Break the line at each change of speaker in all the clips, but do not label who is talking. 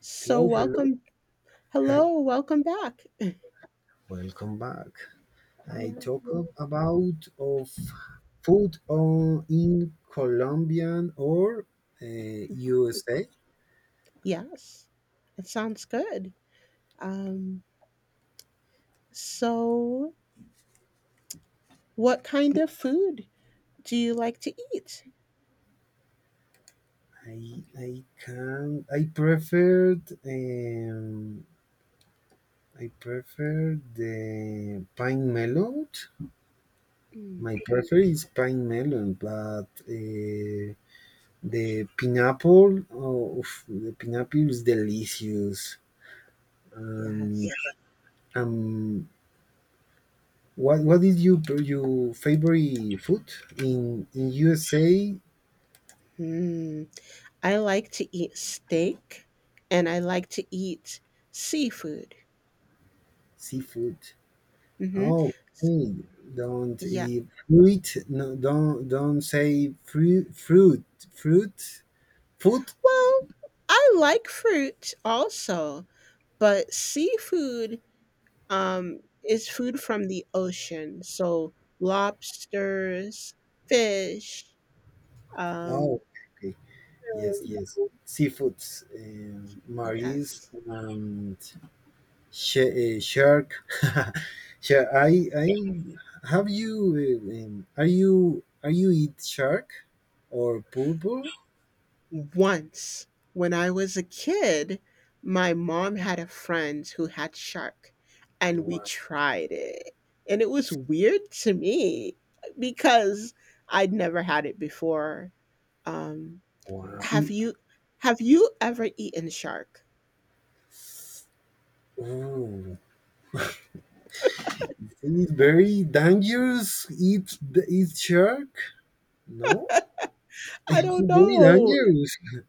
So
Hello, hello.
welcome. Hello, welcome back.
Welcome back. I
Yeah.
about of food on in Colombian or uh, USA.
Yes. It sounds good. Um, so what kind of food do you like to eat?
I I can I preferred um, I prefer the pine melon.
Mm,
My prefer is pine melon, but the pineapple, oh, oof, the pineapple is delicious and
yes.
um what is your favorite food in USA?
Hmm. I like to eat steak and I like to eat seafood.
Seafood.
Hmm.
Oh, okay. Don't
Yeah.
eat fruit. No, don't say fruit fruit food.
Well, I like fruit also, but seafood um, is food from the ocean. So lobsters, fish. Um,
Oh, okay. Yes,
um,
yes. Seafoods, marines,
yes,
and shark. Shark. I
yes.
have you. Are you eat shark or purple?
Once, when I was a kid, my mom had a friend who had shark, and we tried it, and it was weird to me because I'd never had it before. Um,
Wow.
have
It,
you? Have you ever eaten shark?
oh, it's very dangerous. It's shark. No,
I
it's
don't
very
know.
dangerous.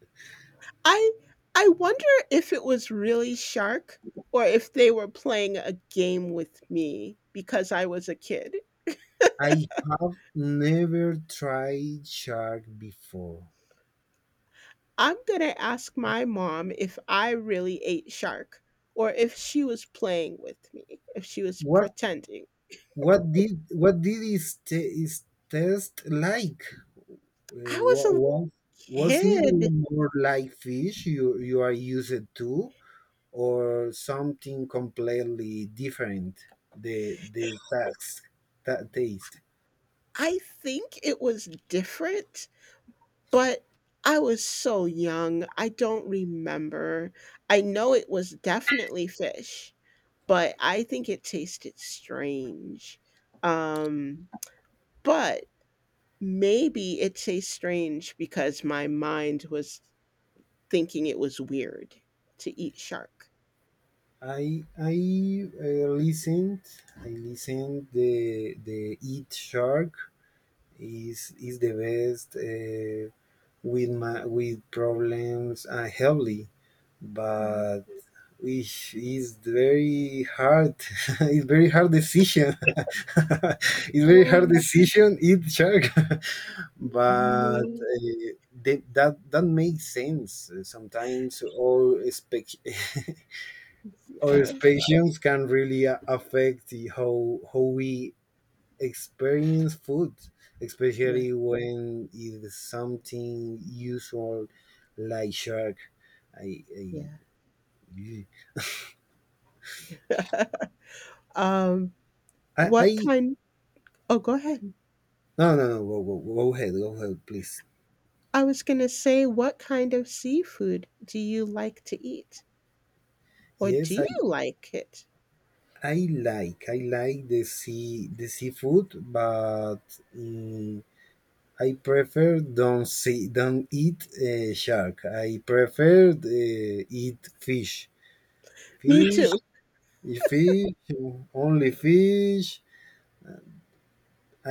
I I wonder if it was really shark or if they were playing a game with me because I was a kid.
I have never tried shark before.
I'm gonna ask my mom if I really ate shark or if she was playing with me, if she was
What
pretending.
what did its, its test like?
I was
What
a
was it
kid.
more like fish you are used to, or something completely different? The tax, taste.
I think it was different, but I was so young, I don't remember. I know it was definitely fish, but I think it tasted strange. Um, but maybe it tastes strange because my mind was thinking it was weird to eat shark.
I I uh, listened I listened the Eat Shark is the best, with my, with problems, healthy,
Mhm.
but which is very hard. It's very hard decision. It's very hard
Oh
decision. Eat shark, but
no!
that that makes sense. Sometimes all expect. Our
Yes,
patience can really affect the how we experience food,
yeah,
especially when it is something usual like shark. I I
yeah. Um, what
I
kind? Oh, go ahead.
No, no, no, go, go, go ahead, go ahead, please.
I was gonna say, what kind of seafood do you like to eat, or do
Yes,
you like it?
I like the sea, the seafood, but mm, I prefer don't see, don't eat, shark. I prefer, eat fish.
Me
Fish,
too.
fish, only fish.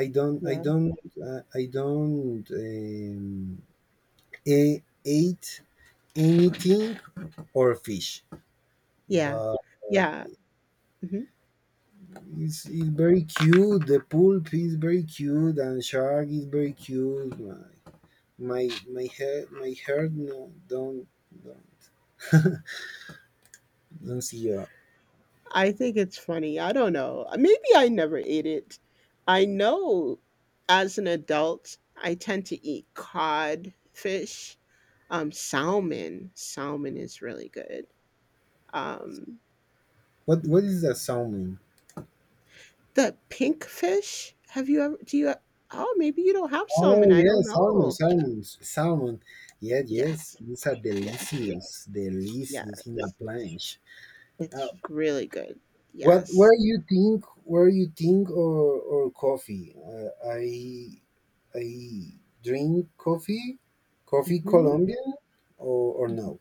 I don't, I
Yeah,
don't, I don't e- eat anything or fish,
yeah,
but
yeah.
it's very cute. The pulp is very cute, and shark is very cute. My, my head, my heart, no, don't don't see.
I think it's funny. I don't know. Maybe I never ate it. I know as an adult, I tend to eat cod fish, salmon. Salmon is really good. Um,
What is the salmon?
the pink fish. Have you ever? Do you? Oh, maybe you don't have salmon.
Oh
I
yeah,
don't
salmon,
know.
salmon, salmon. Yeah, yes,
Yes,
these are
yes,
delicious, delicious in a
yes.
planche. Uh,
It's really good.
what,
Yes.
where you think, or coffee? I drink coffee, coffee
Hmm.
Colombian, or no?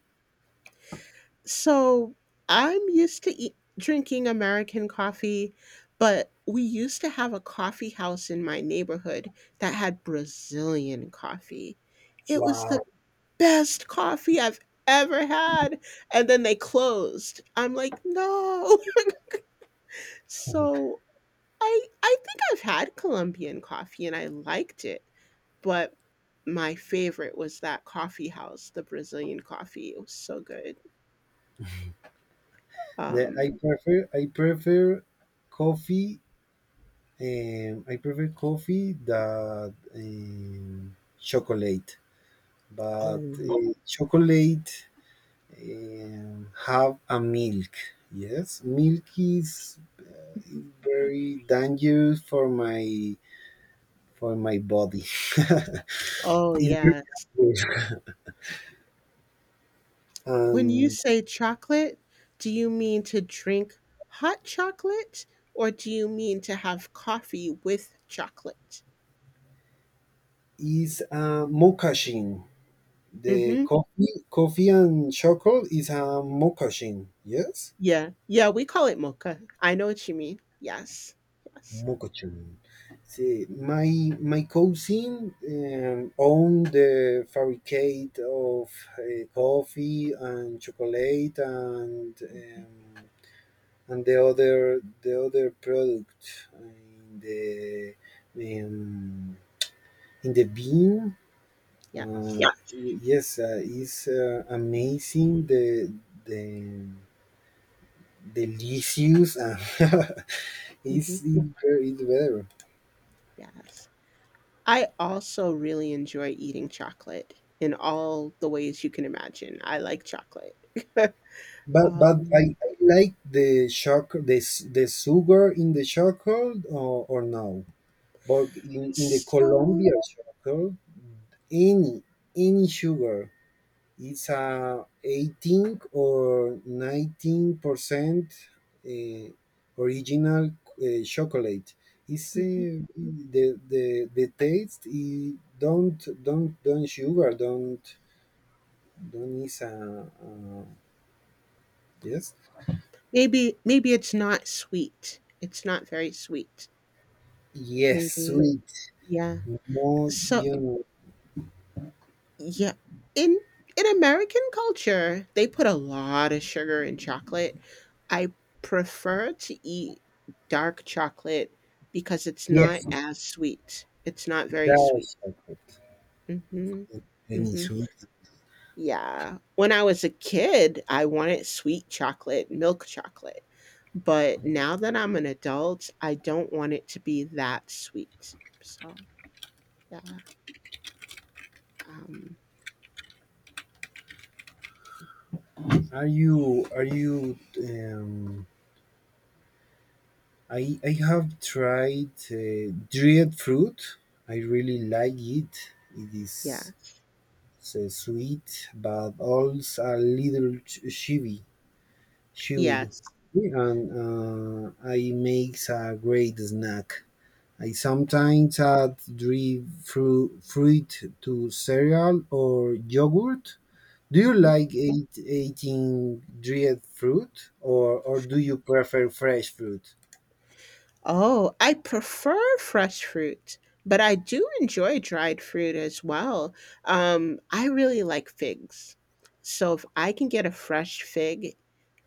So I'm used to drinking American coffee, but we used to have a coffee house in my neighborhood that had Brazilian coffee. It was
Wow,
the best coffee I've ever had. And then they closed. I'm like, no. So I think I've had Colombian coffee and I liked it, but my favorite was that coffee house, the Brazilian coffee. It was so good.
the,
Um,
I prefer coffee. I prefer coffee that chocolate, but
Oh.
chocolate, have a milk. Yes, milk is very dangerous for my, for my body.
Oh,
It's very
yes.
dangerous.
When you
And
say chocolate, do you mean to drink hot chocolate or do you mean to have coffee with chocolate?
is a mocassin. The
Mhm.
coffee, coffee and chocolate is a mocassin. Yes.
Yeah. Yeah, we call it mocha. I know what you mean. Yes. Yes.
Mokochun. See, my cousin, owned the fabricate of, coffee and chocolate,
Mhm.
and the other product in the, um, in the bean.
Yes.
Yeah. Yes, it's, amazing, the delicious, and it's
Mhm.
very- it's better.
Yes. I also really enjoy eating chocolate in all the ways you can imagine. I like chocolate.
But
um
I like the shock, the sugar in the chocolate, or no. But in the
so
Colombia chocolate, any any sugar, it's a 18 or 19%, uh, original, chocolate. It's,
mm-hmm.
the the taste. It don't, don't sugar. Don't is a, yes,
Maybe it's not sweet. It's not very sweet,
yes,
maybe.
sweet.
Yeah. So
Module.
yeah, in American culture, they put a lot of sugar in chocolate. I prefer to eat dark chocolate because it's not
Yes,
as sweet. It's not very sweet.
that's perfect.
Mhm.
Any
Mhm.
suit?
Yeah. When I was a kid, I wanted sweet chocolate, milk chocolate. But now that I'm an adult, I don't want it to be that sweet. So, yeah. Um,
Are you I have tried, dried fruit. I really like it. It is
yeah.
so sweet but also a little chewy. Chewy.
Yes.
And I makes a great snack. I sometimes add dried fruit, fruit to cereal or yogurt. Do you
Mhm.
like eat, eating dried fruit, or do you prefer fresh fruit?
Oh, I prefer fresh fruit, but I do enjoy dried fruit as well. I really like figs. So if I can get a fresh fig,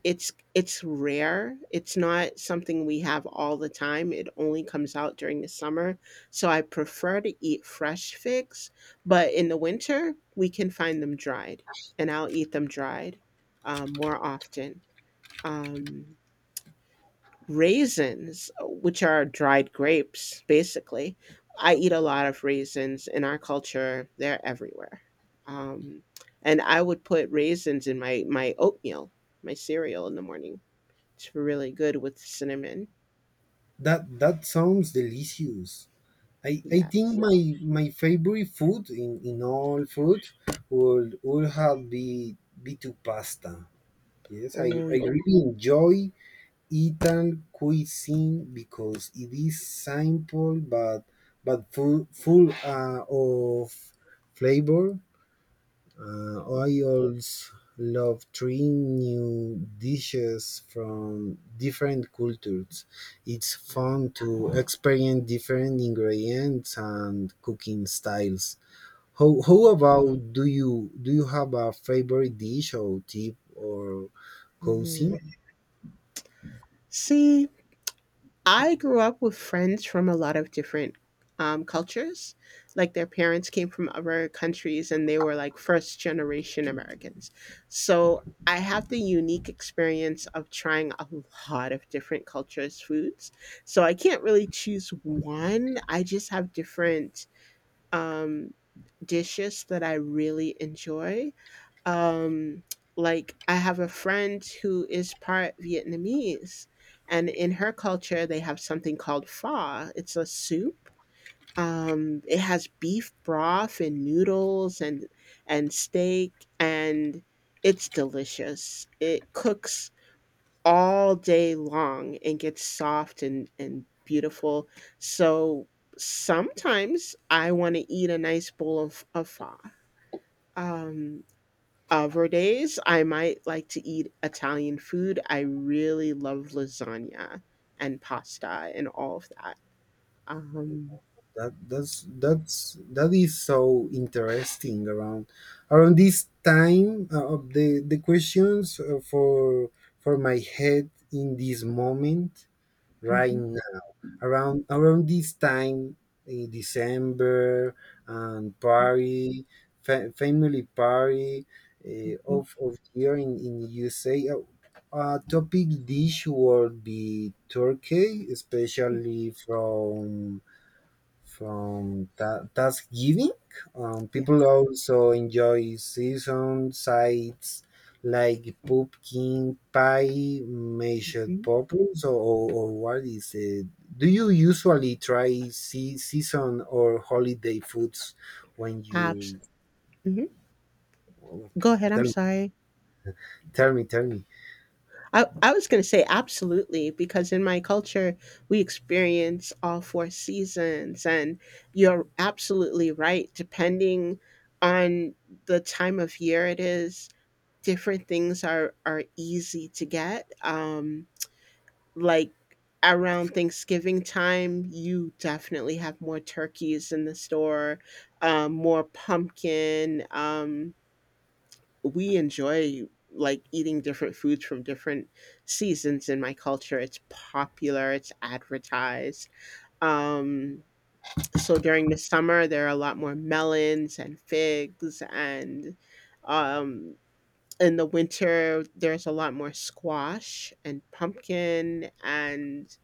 it's rare. It's not something we have all the time. It only comes out during the summer, so I prefer to eat fresh figs, but in the winter, we can find them dried, and I'll eat them dried, more often. Um, raisins, which are dried grapes, basically. I eat a lot of raisins in our culture. They're everywhere. Um, and I would put raisins in my oatmeal, my cereal in the morning. It's really good with cinnamon.
That that sounds delicious. I think
Yes.
my, my favorite food in all food would have be to pasta. Yes,
Oh,
I
yeah.
really enjoy Italian cuisine because it is simple but full, full, of flavor.
Yeah,
I always love trying new dishes from different cultures. It's
yeah.
fun to experience different ingredients and cooking styles. How
Mhm,
about do you, do you have a favorite dish or tip or cuisine?
mhm. See, I grew up with friends from a lot of different cultures. Like their parents came from other countries and they were like first generation Americans. So I have the unique experience of trying a lot of different cultures' foods. So I can't really choose one. I just have different um, dishes that I really enjoy. um like I have a friend who is part Vietnamese, and in her culture they have something called pho. It's a soup. It has beef broth and noodles and steak, and it's delicious. It cooks all day long and gets soft and beautiful. So sometimes I want to eat a nice bowl of pho. um Other days, I might like to eat Italian food. I really love lasagna and pasta and all of that. Um,
That that is so interesting around, around this time, of the questions, for my head in this moment right
mhm,
now, around around this time in December and
mhm,
party, family party,
mhm,
of here in USA, topic dish would be turkey, especially from that Thanksgiving.
yeah,
People also enjoy season sides like pumpkin pie, mashed
mhm.
potatoes, or what is it? Do you usually try sea, season or holiday foods when
Abs.
you?
Mhm.
Oh,
Go ahead. I'm
tell,
sorry.
tell me, tell me.
I was going to say absolutely because in my culture we experience all four seasons, and you're absolutely right. Depending on the time of year it is, different things are easy to get. Like around Thanksgiving time, you definitely have more turkeys in the store, more pumpkin. We enjoy like eating different foods from different seasons in my culture. It's popular, it's advertised. Um, so during the summer, there are a lot more melons and figs, and um, in the winter, there's a lot more squash and pumpkin and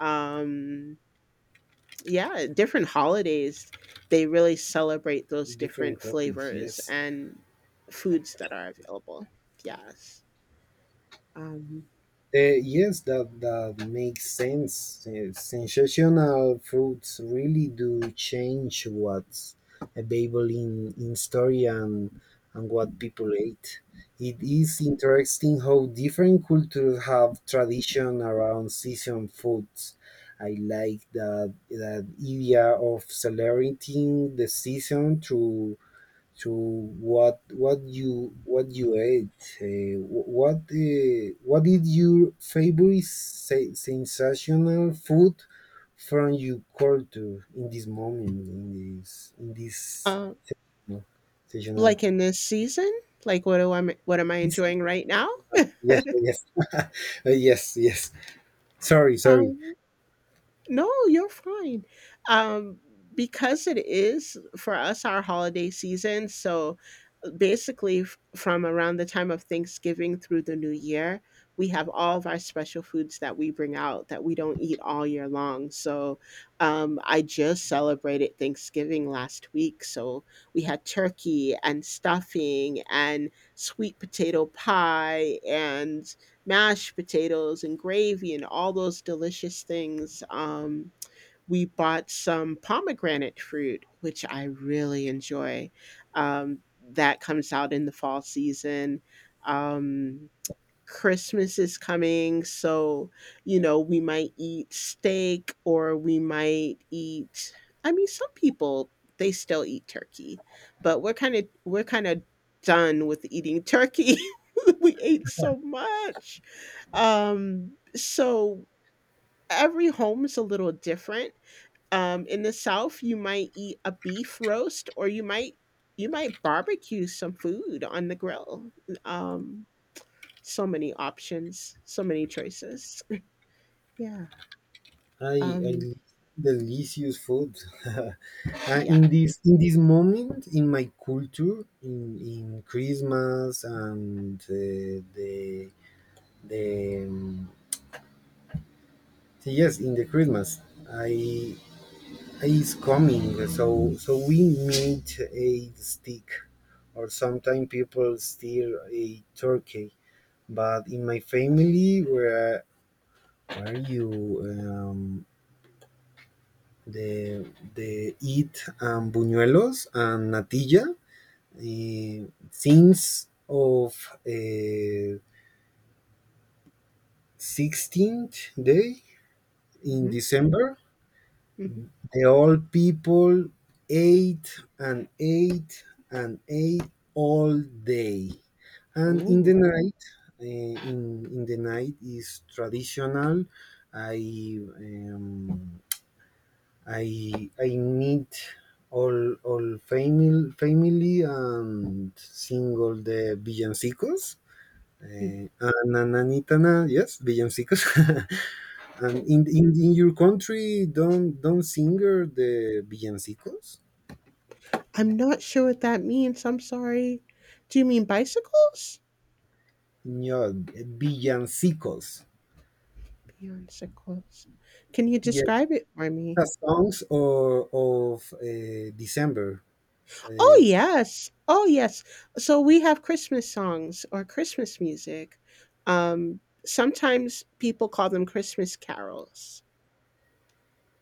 um, yeah, different holidays, they really celebrate those
Different
different
topics,
flavors
yes.
and foods that are available. Yes. Um,
Yes, that that makes sense. Sensational fruits really do change what's available in store and what people eat. It is interesting how different cultures have tradition around season foods. I like that that idea of celebrating the season through, so what you, what you ate? What, what is your favorite sensational food from your culture in this moment, in this, in this,
uh,
you sensational?
like in this season, like what do I what am I
Yes,
enjoying right now?
yes, yes, yes. Sorry, sorry.
Um, No, you're fine. Um, because it is for us our holiday season. So basically, from around the time of Thanksgiving through the new year, we have all of our special foods that we bring out that we don't eat all year long. So I just celebrated Thanksgiving last week. So we had turkey and stuffing and sweet potato pie and mashed potatoes and gravy and all those delicious things. We bought some pomegranate fruit, which I really enjoy. Um, that comes out in the fall season. Um, Christmas is coming, so you know, we might eat steak or we might eat, I mean, some people they still eat turkey, but we're kind of done with eating turkey. We ate so much. So every home is a little different. In the South, you might eat a beef roast, or you might barbecue some food on the grill. Um, so many options, so many choices. Yeah.
I I
Um,
li- Delicious food.
yeah.
In this, in this moment in my culture in Christmas and, the, um, yes, in the Christmas, I I is coming, so so we made a stick, or sometimes people steal a turkey, but in my family, where you? Um, the the eat, buñuelos and natilla, since of, uh, 16th day in
Hmm.
December.
Hmm.
The old people ate and ate and ate all day, and
Oh.
in the night is traditional. I, um, meet all family, family, and single the villancicos.
Mhm.
Uh, ananitana, yes, villancicos. And in your country, don't singer the villancicos.
I'm not sure what that means. I'm sorry. Do you mean bicycles?
No, villancicos.
Bicycles. Can you
Yes,
describe it for me?
the songs or, of, December.
Oh,
Uh,
yes. Oh, yes. So we have Christmas songs or Christmas music. Um, sometimes people call them Christmas carols.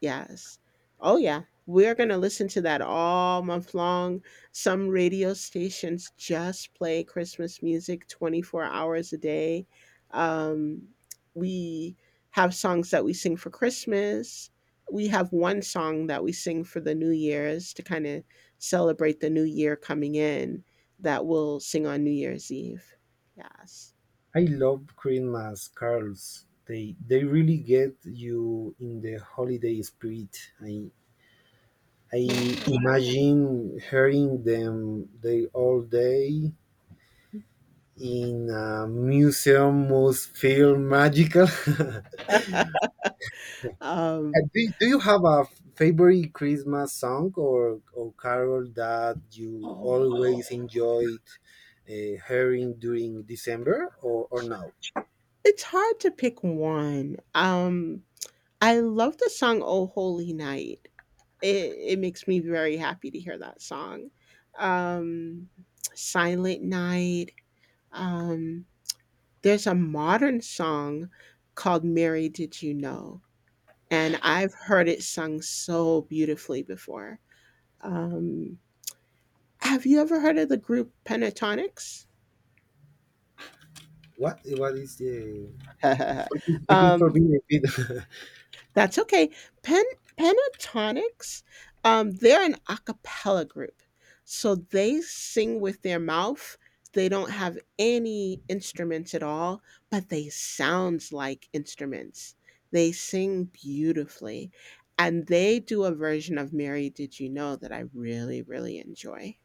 Yes. Oh, yeah. We're going to listen to that all month long. Some radio stations just play Christmas music 24 hours a day. Um, we have songs that we sing for Christmas. We have one song that we sing for the New Year's to kind of celebrate the new year coming in that we'll sing on New Year's Eve. Yes.
I love Christmas carols. They really get you in the holiday spirit. I
Yeah.
imagine hearing them they all day in a museum must feel magical.
Um,
Do, do you have a favorite Christmas song, or carol that you
oh,
always enjoyed, hearing during December, or now?
it's hard to pick one. I love the song "Oh Holy Night." It it makes me very happy to hear that song. Um, "Silent Night." Um, there's a modern song called "Mary Did You Know," and I've heard it sung so beautifully before. Um, have you ever heard of the group Pentatonix?
What is the repeat for me,
Um,
repeat?
that's okay. Pen Pentatonics, they're an a cappella group. So they sing with their mouth. They don't have any instruments at all, but they sounds like instruments. They sing beautifully. And they do a version of Mary Did You Know that I really, really enjoy.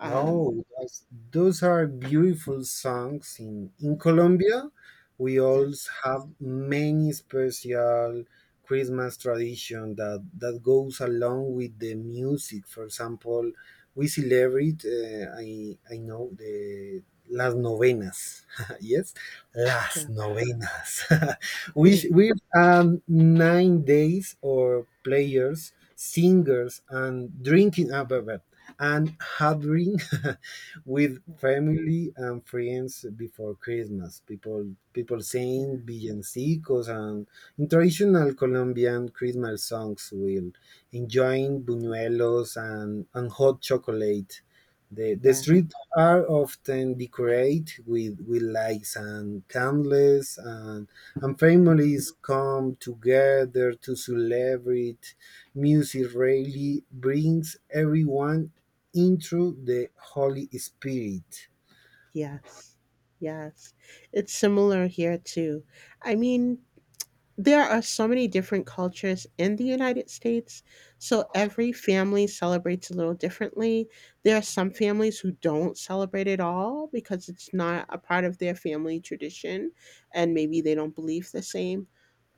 Um,
No, those are beautiful songs. In Colombia, we
yes.
also have many special Christmas tradition that that goes along with the music. For example, we celebrate, uh, I know the las novenas. Yes, las
Yeah.
novenas, which with, 9 days or players, singers, and drinking. But- and having with family and friends before Christmas. People, people
Yeah.
saying villancicos and in traditional Colombian Christmas songs will enjoying buñuelos and hot chocolate. The
Yeah.
streets are often decorated with lights and candles, and
Yeah.
families come together to celebrate. Music really brings everyone into the Holy Spirit.
Yes. Yes. It's similar here too. I mean, there are so many different cultures in the United States, so every family celebrates a little differently. There are some families who don't celebrate at all because it's not a part of their family tradition and maybe they don't believe the same.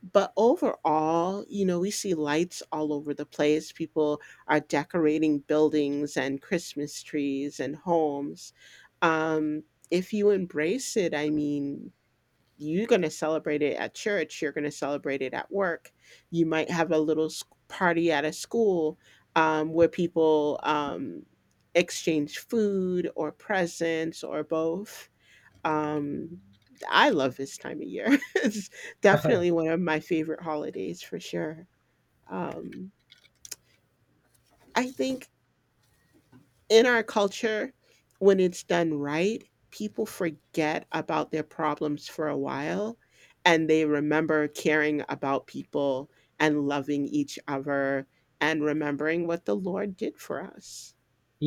But overall, you know, we see lights all over the place. People are decorating buildings and Christmas trees and homes. Um, if you embrace it, I mean, you're going to celebrate it at church, you're going to celebrate it at work, you might have a little party at a school, where people exchange food or presents or both. Um, I love this time of year. It's definitely one of my favorite holidays for sure. Um, I think in our culture, when it's done right, people forget about their problems for a while and they remember caring about people and loving each other and remembering what the Lord did for us.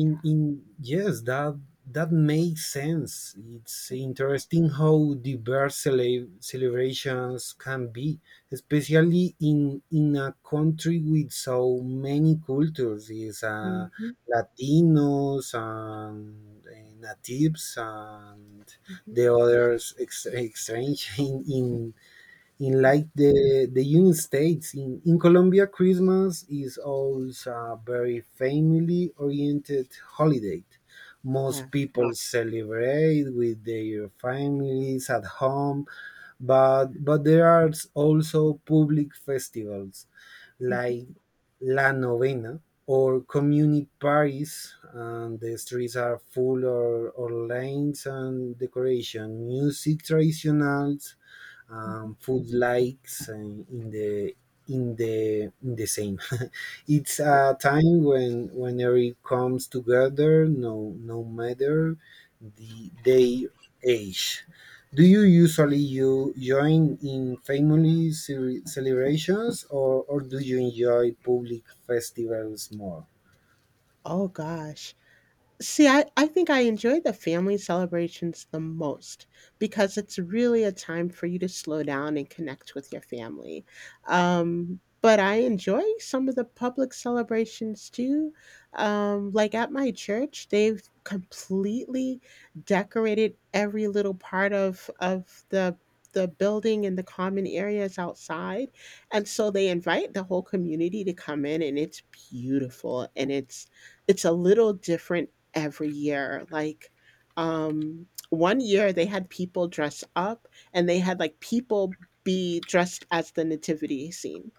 Yeah.
in yes, that that makes sense. It's interesting how diverse celebrations can be, especially in a country with so many cultures. Is,
Mhm,
Latinos and, natives and
mhm,
the others exchange in,
yeah.
like the United States, in Colombia, Christmas is also a very family oriented holiday.
Yeah.
Most people celebrate with their families at home, but there are also public festivals
Mhm,
like La Novena or community parties, and the streets are full or lanes and decoration, music traditional,
mhm,
food likes and in the, in the, in the same. It's
yeah.
a time when, whenever it comes together, no no matter the their age. Do you usually you join in family celebrations, or do you enjoy public festivals more?
Oh gosh. See, I think I enjoy the family celebrations the most because it's really a time for you to slow down and connect with your family. But I enjoy some of the public celebrations too. Like at my church, they've completely decorated every little part of the building and the common areas outside. And so they invite the whole community to come in and it's beautiful and it's a little different every year. Like, one year they had people dress up and they had like people be dressed as the nativity scene.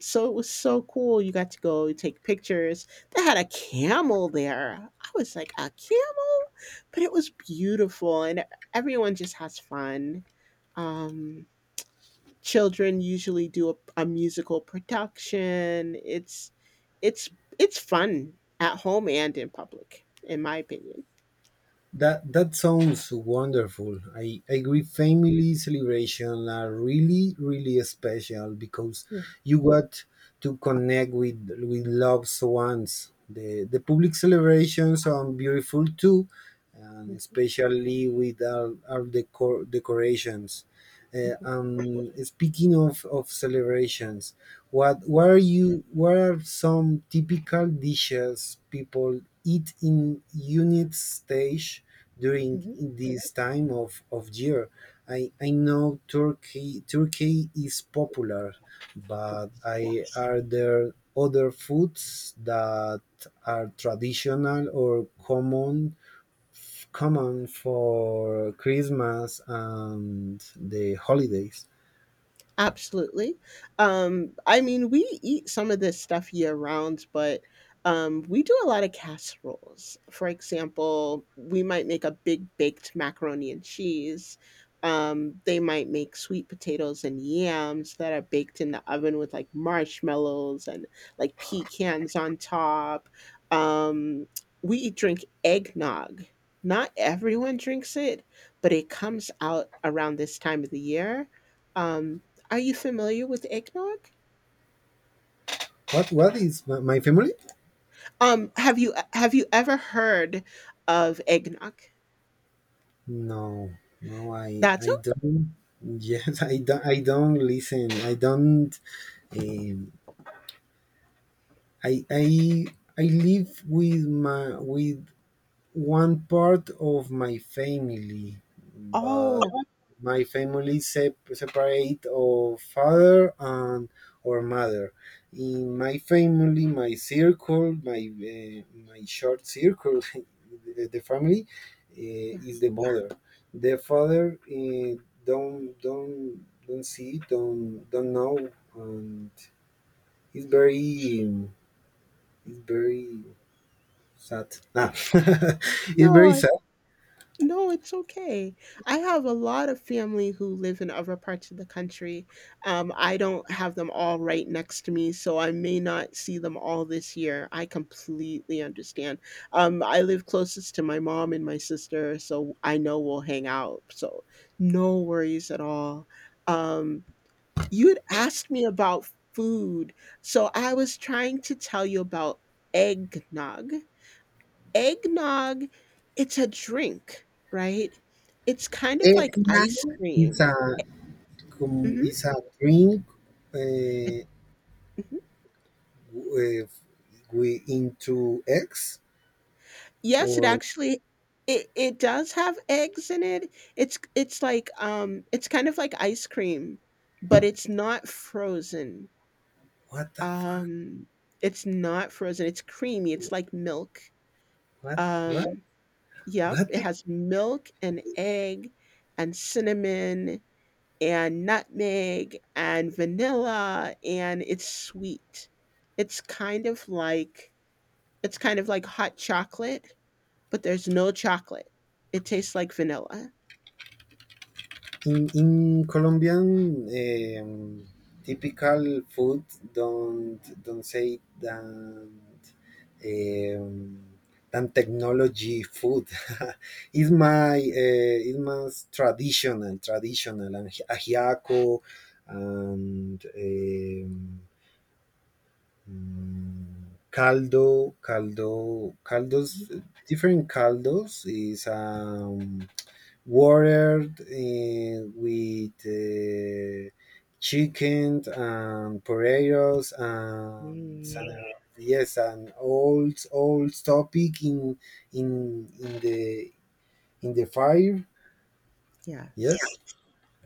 So it was so cool. You got to go take pictures. They had a camel there. I was like, a camel? But it was beautiful and everyone just has fun. Um, children usually do a musical production. It's it's fun at home and in public, in my opinion.
That that sounds wonderful. I agree. Family celebration are really really special because
Yeah.
you got to connect with loved ones. The public celebrations are beautiful too, and
Hmm.
especially with our decorations. Speaking of celebrations, what are you, what are some typical dishes people eat in unit stage during
Hmm.
this time of year? I know Turkey is popular,
Yeah.
but I, are there other foods that are traditional or common, common for Christmas and the holidays.
Absolutely. I mean, we eat some of this stuff year round, but we do a lot of casseroles. For example, we might make a big baked macaroni and cheese. They might make sweet potatoes and yams that are baked in the oven with like marshmallows and like pecans on top. Um, we drink eggnog. Not everyone drinks it, but it comes out around this time of the year. Um, are you familiar with eggnog?
What is my, my family?
Have you ever heard of eggnog?
No, no,
That's o
I don't. Yes, I don't. I don't listen. I don't. Um, I I I live with my, with one part of my family, but
Oh,
my family separate of father and or mother. In my family, my circle, my, my short circle, the family,
yeah.
is the mother. The father, don't don't see, don't know, and it's very, it's very sad. Ah. It's
No,
very sad.
no, it's okay. I have a lot of family who live in other parts of the country. I don't have them all right next to me, so I may not see them all this year. I completely understand. I live closest to my mom and my sister, so I know we'll hang out. So no worries at all. Um, You had asked me about food. So I was trying to tell you about eggnog. Eggnog, it's a drink, right? It's kind of
And
like ice
now it's
cream.
a
Mhm.
it's a drink.
Mhm.
If we into X
Yes, it
or
actually, it does have eggs in it. It's like, it's kind of like ice cream, but it's not frozen.
what the fuck?
Um it's not frozen. It's creamy. It's like milk.
What
Um Yep,
what
it
the,
has milk and egg and cinnamon and nutmeg and vanilla, and it's sweet. It's kind of like it's kind of like hot chocolate, but there's no chocolate. It tastes like vanilla.
in Colombian, um, typical food don't say that, um, than technology food. Is my, is my traditional, traditional and ajiaco and, mm, caldo, caldo, caldos,
Mhm.
different caldos, is, water, eh, with, chicken and potatoes and some,
Mm,
yes, an old, old topic in the, in the fire. Yes,
yes.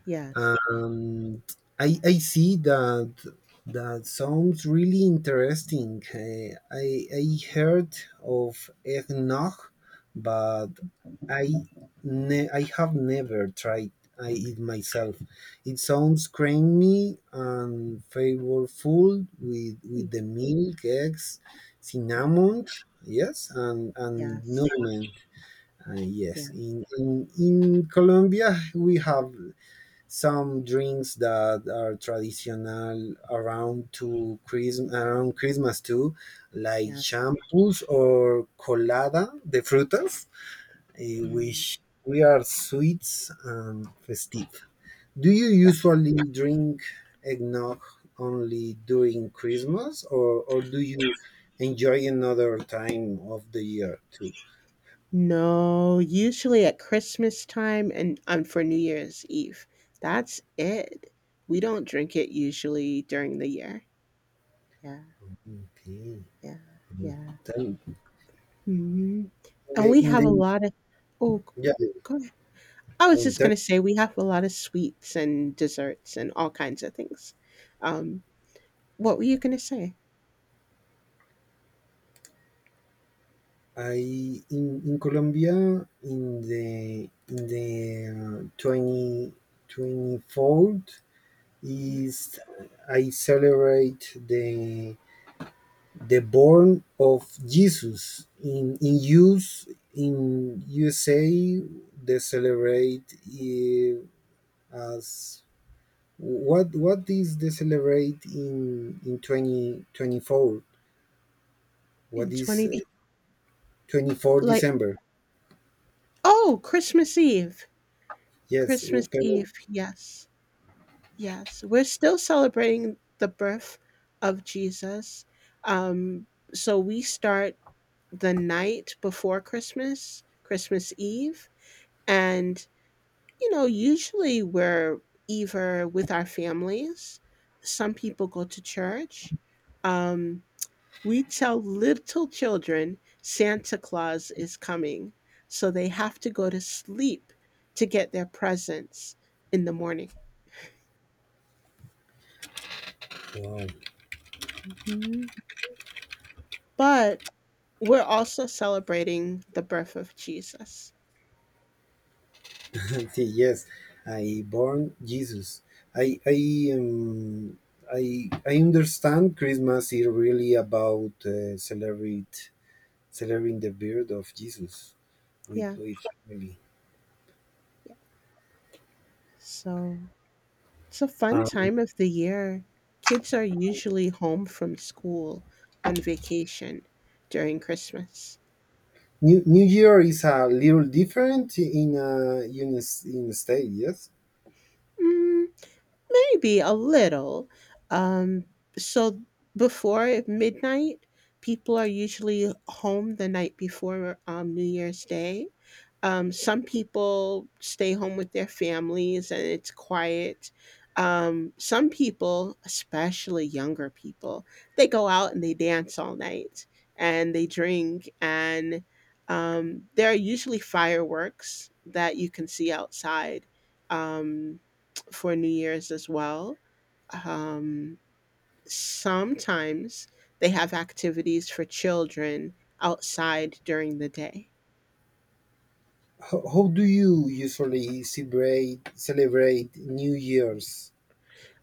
Yes.
and I see that, that sounds really interesting. I heard of eggnog, but I, I have never tried, I it myself. It sounds creamy and flavorful with
Mm,
with the milk, eggs,
yeah.
cinnamon, yes, and
Yes.
nutmeg. Yes,
Yeah.
in Colombia we have some drinks that are traditional around to Christmas, around Christmas too, like
Yes.
champus or colada de frutas, eh,
Mm,
which we are sweets and festive. Do you
yeah.
usually drink eggnog only during Christmas, or do you enjoy another time of the year too?
No, usually at Christmas time and, for New Year's Eve. That's it. We don't drink it usually during the year. Yeah,
Okay,
yeah, yeah.
tell
Mhm. And we
in
have
the
a lot of. Oh, g go ahead. I was just
yeah.
gonna say we have a lot of sweets and desserts and all kinds of things. Um, what were you gonna say?
I in Colombia in the in the, 20, 24th is, I celebrate the born of Jesus in use, in USA. They celebrate, eh, as what is the celebrate in 2024,
In
what is,
20,
24
like,
December
oh, Christmas Eve.
yes,
Christmas
okay,
Eve, yes. Yes, we're still celebrating the birth of Jesus. Um, so we start the night before Christmas, Christmas Eve. And, usually we're either with our families, some people go to church. Um, we tell little children Santa Claus is coming. So they have to go to sleep to get their presents in the morning.
wow.
Mhm. But we're also celebrating the birth of Jesus.
See, yes, I born Jesus. I, I understand Christmas is really about, celebrate, celebrating the birth of Jesus with
Yeah.
with family.
Yeah. So it's a fun
Um,
time of the year. Kids are usually home from school on vacation during Christmas.
New, New Year is a little different in uh, in s-, in the state. Yes,
Mm, maybe a little. Um, so before midnight, people are usually home the night before New Year's Day. Some people stay home with their families and it's quiet. Some people, especially younger people, they go out and they dance all night and they drink. And there are usually fireworks that you can see outside. Um, for New Year's as well. Um, sometimes they have activities for children outside during the day.
how do you usually celebrate, celebrate New Year's?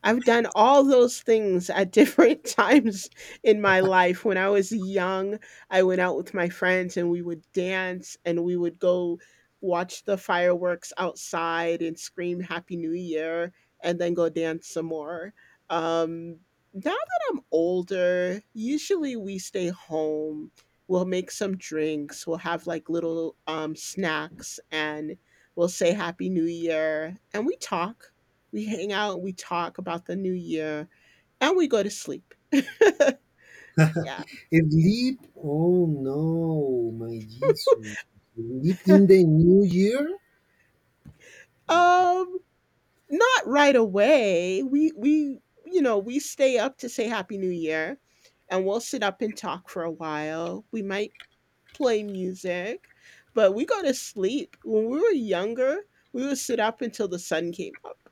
I've done all those things at different times in my life. When I was young, I went out with my friends and we would dance and we would go watch the fireworks outside and scream Happy New Year and then go dance some more. Um, now that I'm older, usually we stay home. We'll make some drinks. We'll have like little snacks and we'll say Happy New Year and we talk we hang out, we talk about the new year, and we go to sleep. Yeah.
Sleep? Oh no, my Jesus! Sleep in the New Year?
um, not right away. We stay up to say happy new year and we'll sit up and talk for a while. We might play music, but we go to sleep. When we were younger, we would sit up until the sun came up.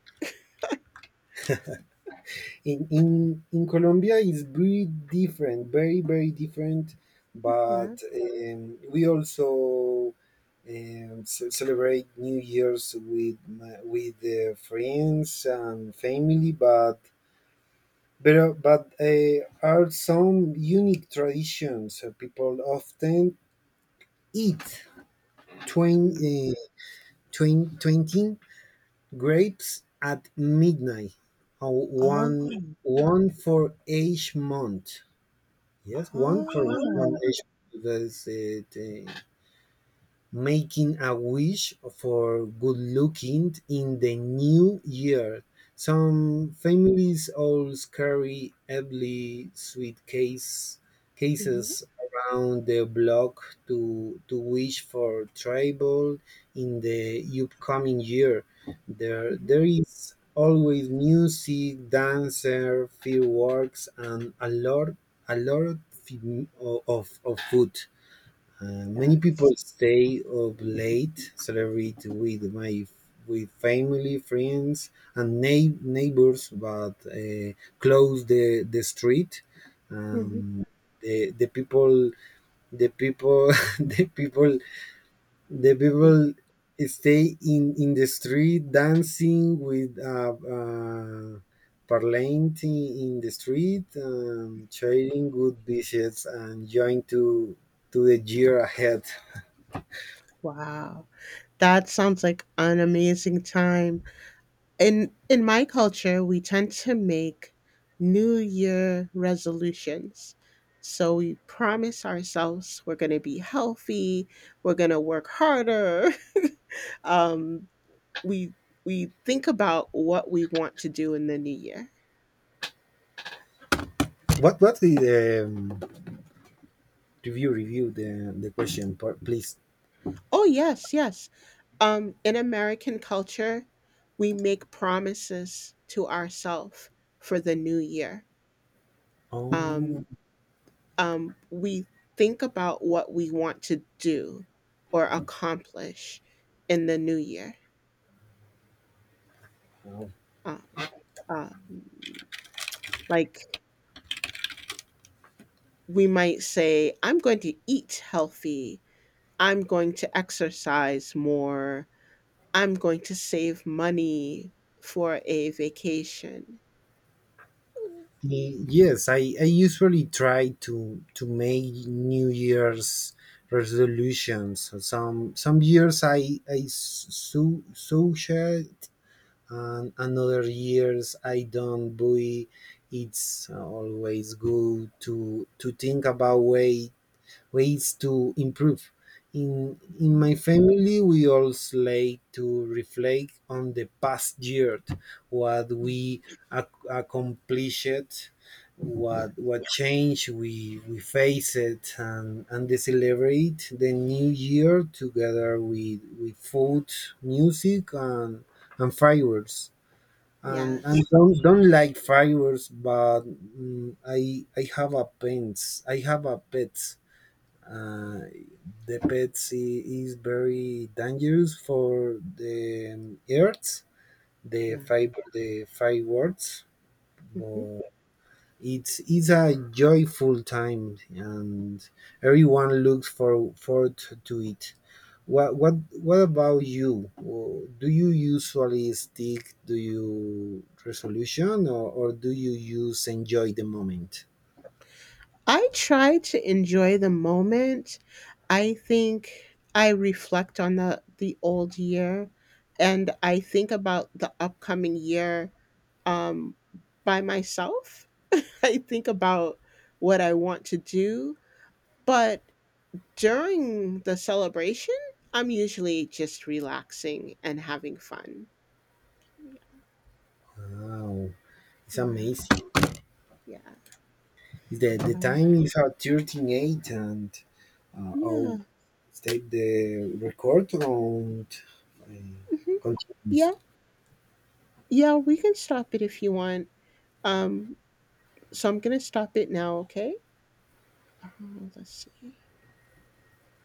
In in Colombia is very different, very very different.
Yeah.
But we also, celebrate New Year's with my-, with, friends and family. But, are some unique traditions. People often eat twen,
Mm.
twen, 20 grapes at midnight, one
Oh.
one for each month. Yes, one for one
Oh.
issue that is it, making a wish for good looking in the new year. Some families always carry heavily suitcase
Hmm.
cases around the block to wish for trouble in the upcoming year. There
Hmm.
there is always music, dancer, fireworks, and a lot, a lot of food. Many
Yes.
people stay up late, celebrate with my, with family, friends, and neighbors, but, close the street.
Hmm.
Um, the the people the people the people the people stay in the street dancing with, parlante in the street, trading good dishes and join to the year ahead.
Wow. That sounds like an amazing time. In my culture, we tend to make New Year resolutions. So we promise ourselves we're going to be healthy, we're going to work harder. Um, we think about what we want to do in the new year.
What's the, review the question part, please?
Oh yes, yes. In American culture, we make promises to ourselves for the new year.
Oh,
Um, we think about what we want to do or accomplish in the new year. Uh, uh, like we might say, I'm going to eat healthy, I'm going to exercise more, I'm going to save money for a vacation.
y- yes. I usually try to make New Year's resolutions. So some years I so sociate, and another years I don't. But it's always good to think about way, ways to improve. In my family, we always like to reflect on the past year, what we accomplished,
Yeah,
what change we faced, and they celebrate the new year together with food, music, and fireworks, and
yes,
don't like fireworks, but mm, i have a pets, I have a pet, uh, the pets is very dangerous for the, earth, the
yeah.
five, the fireworks,
Mhm.
but it's a joyful time, and everyone looks for forward to it. what what what about you? Do you usually stick to your resolution, or do you use enjoy the moment?
I try to enjoy the moment. I think I reflect on the old year and I think about the upcoming year um by myself. I think about what I want to do, but during the celebration, I'm usually just relaxing and having fun.
Wow, it's
Yeah.
amazing.
Yeah.
The
Um,
time is at 13.8 and,
yeah.
I'll state the record and,
Hmm.
continues.
Yeah. Yeah, we can stop it if you want. Um So I'm going to stop it now, okay? Uh, let's see.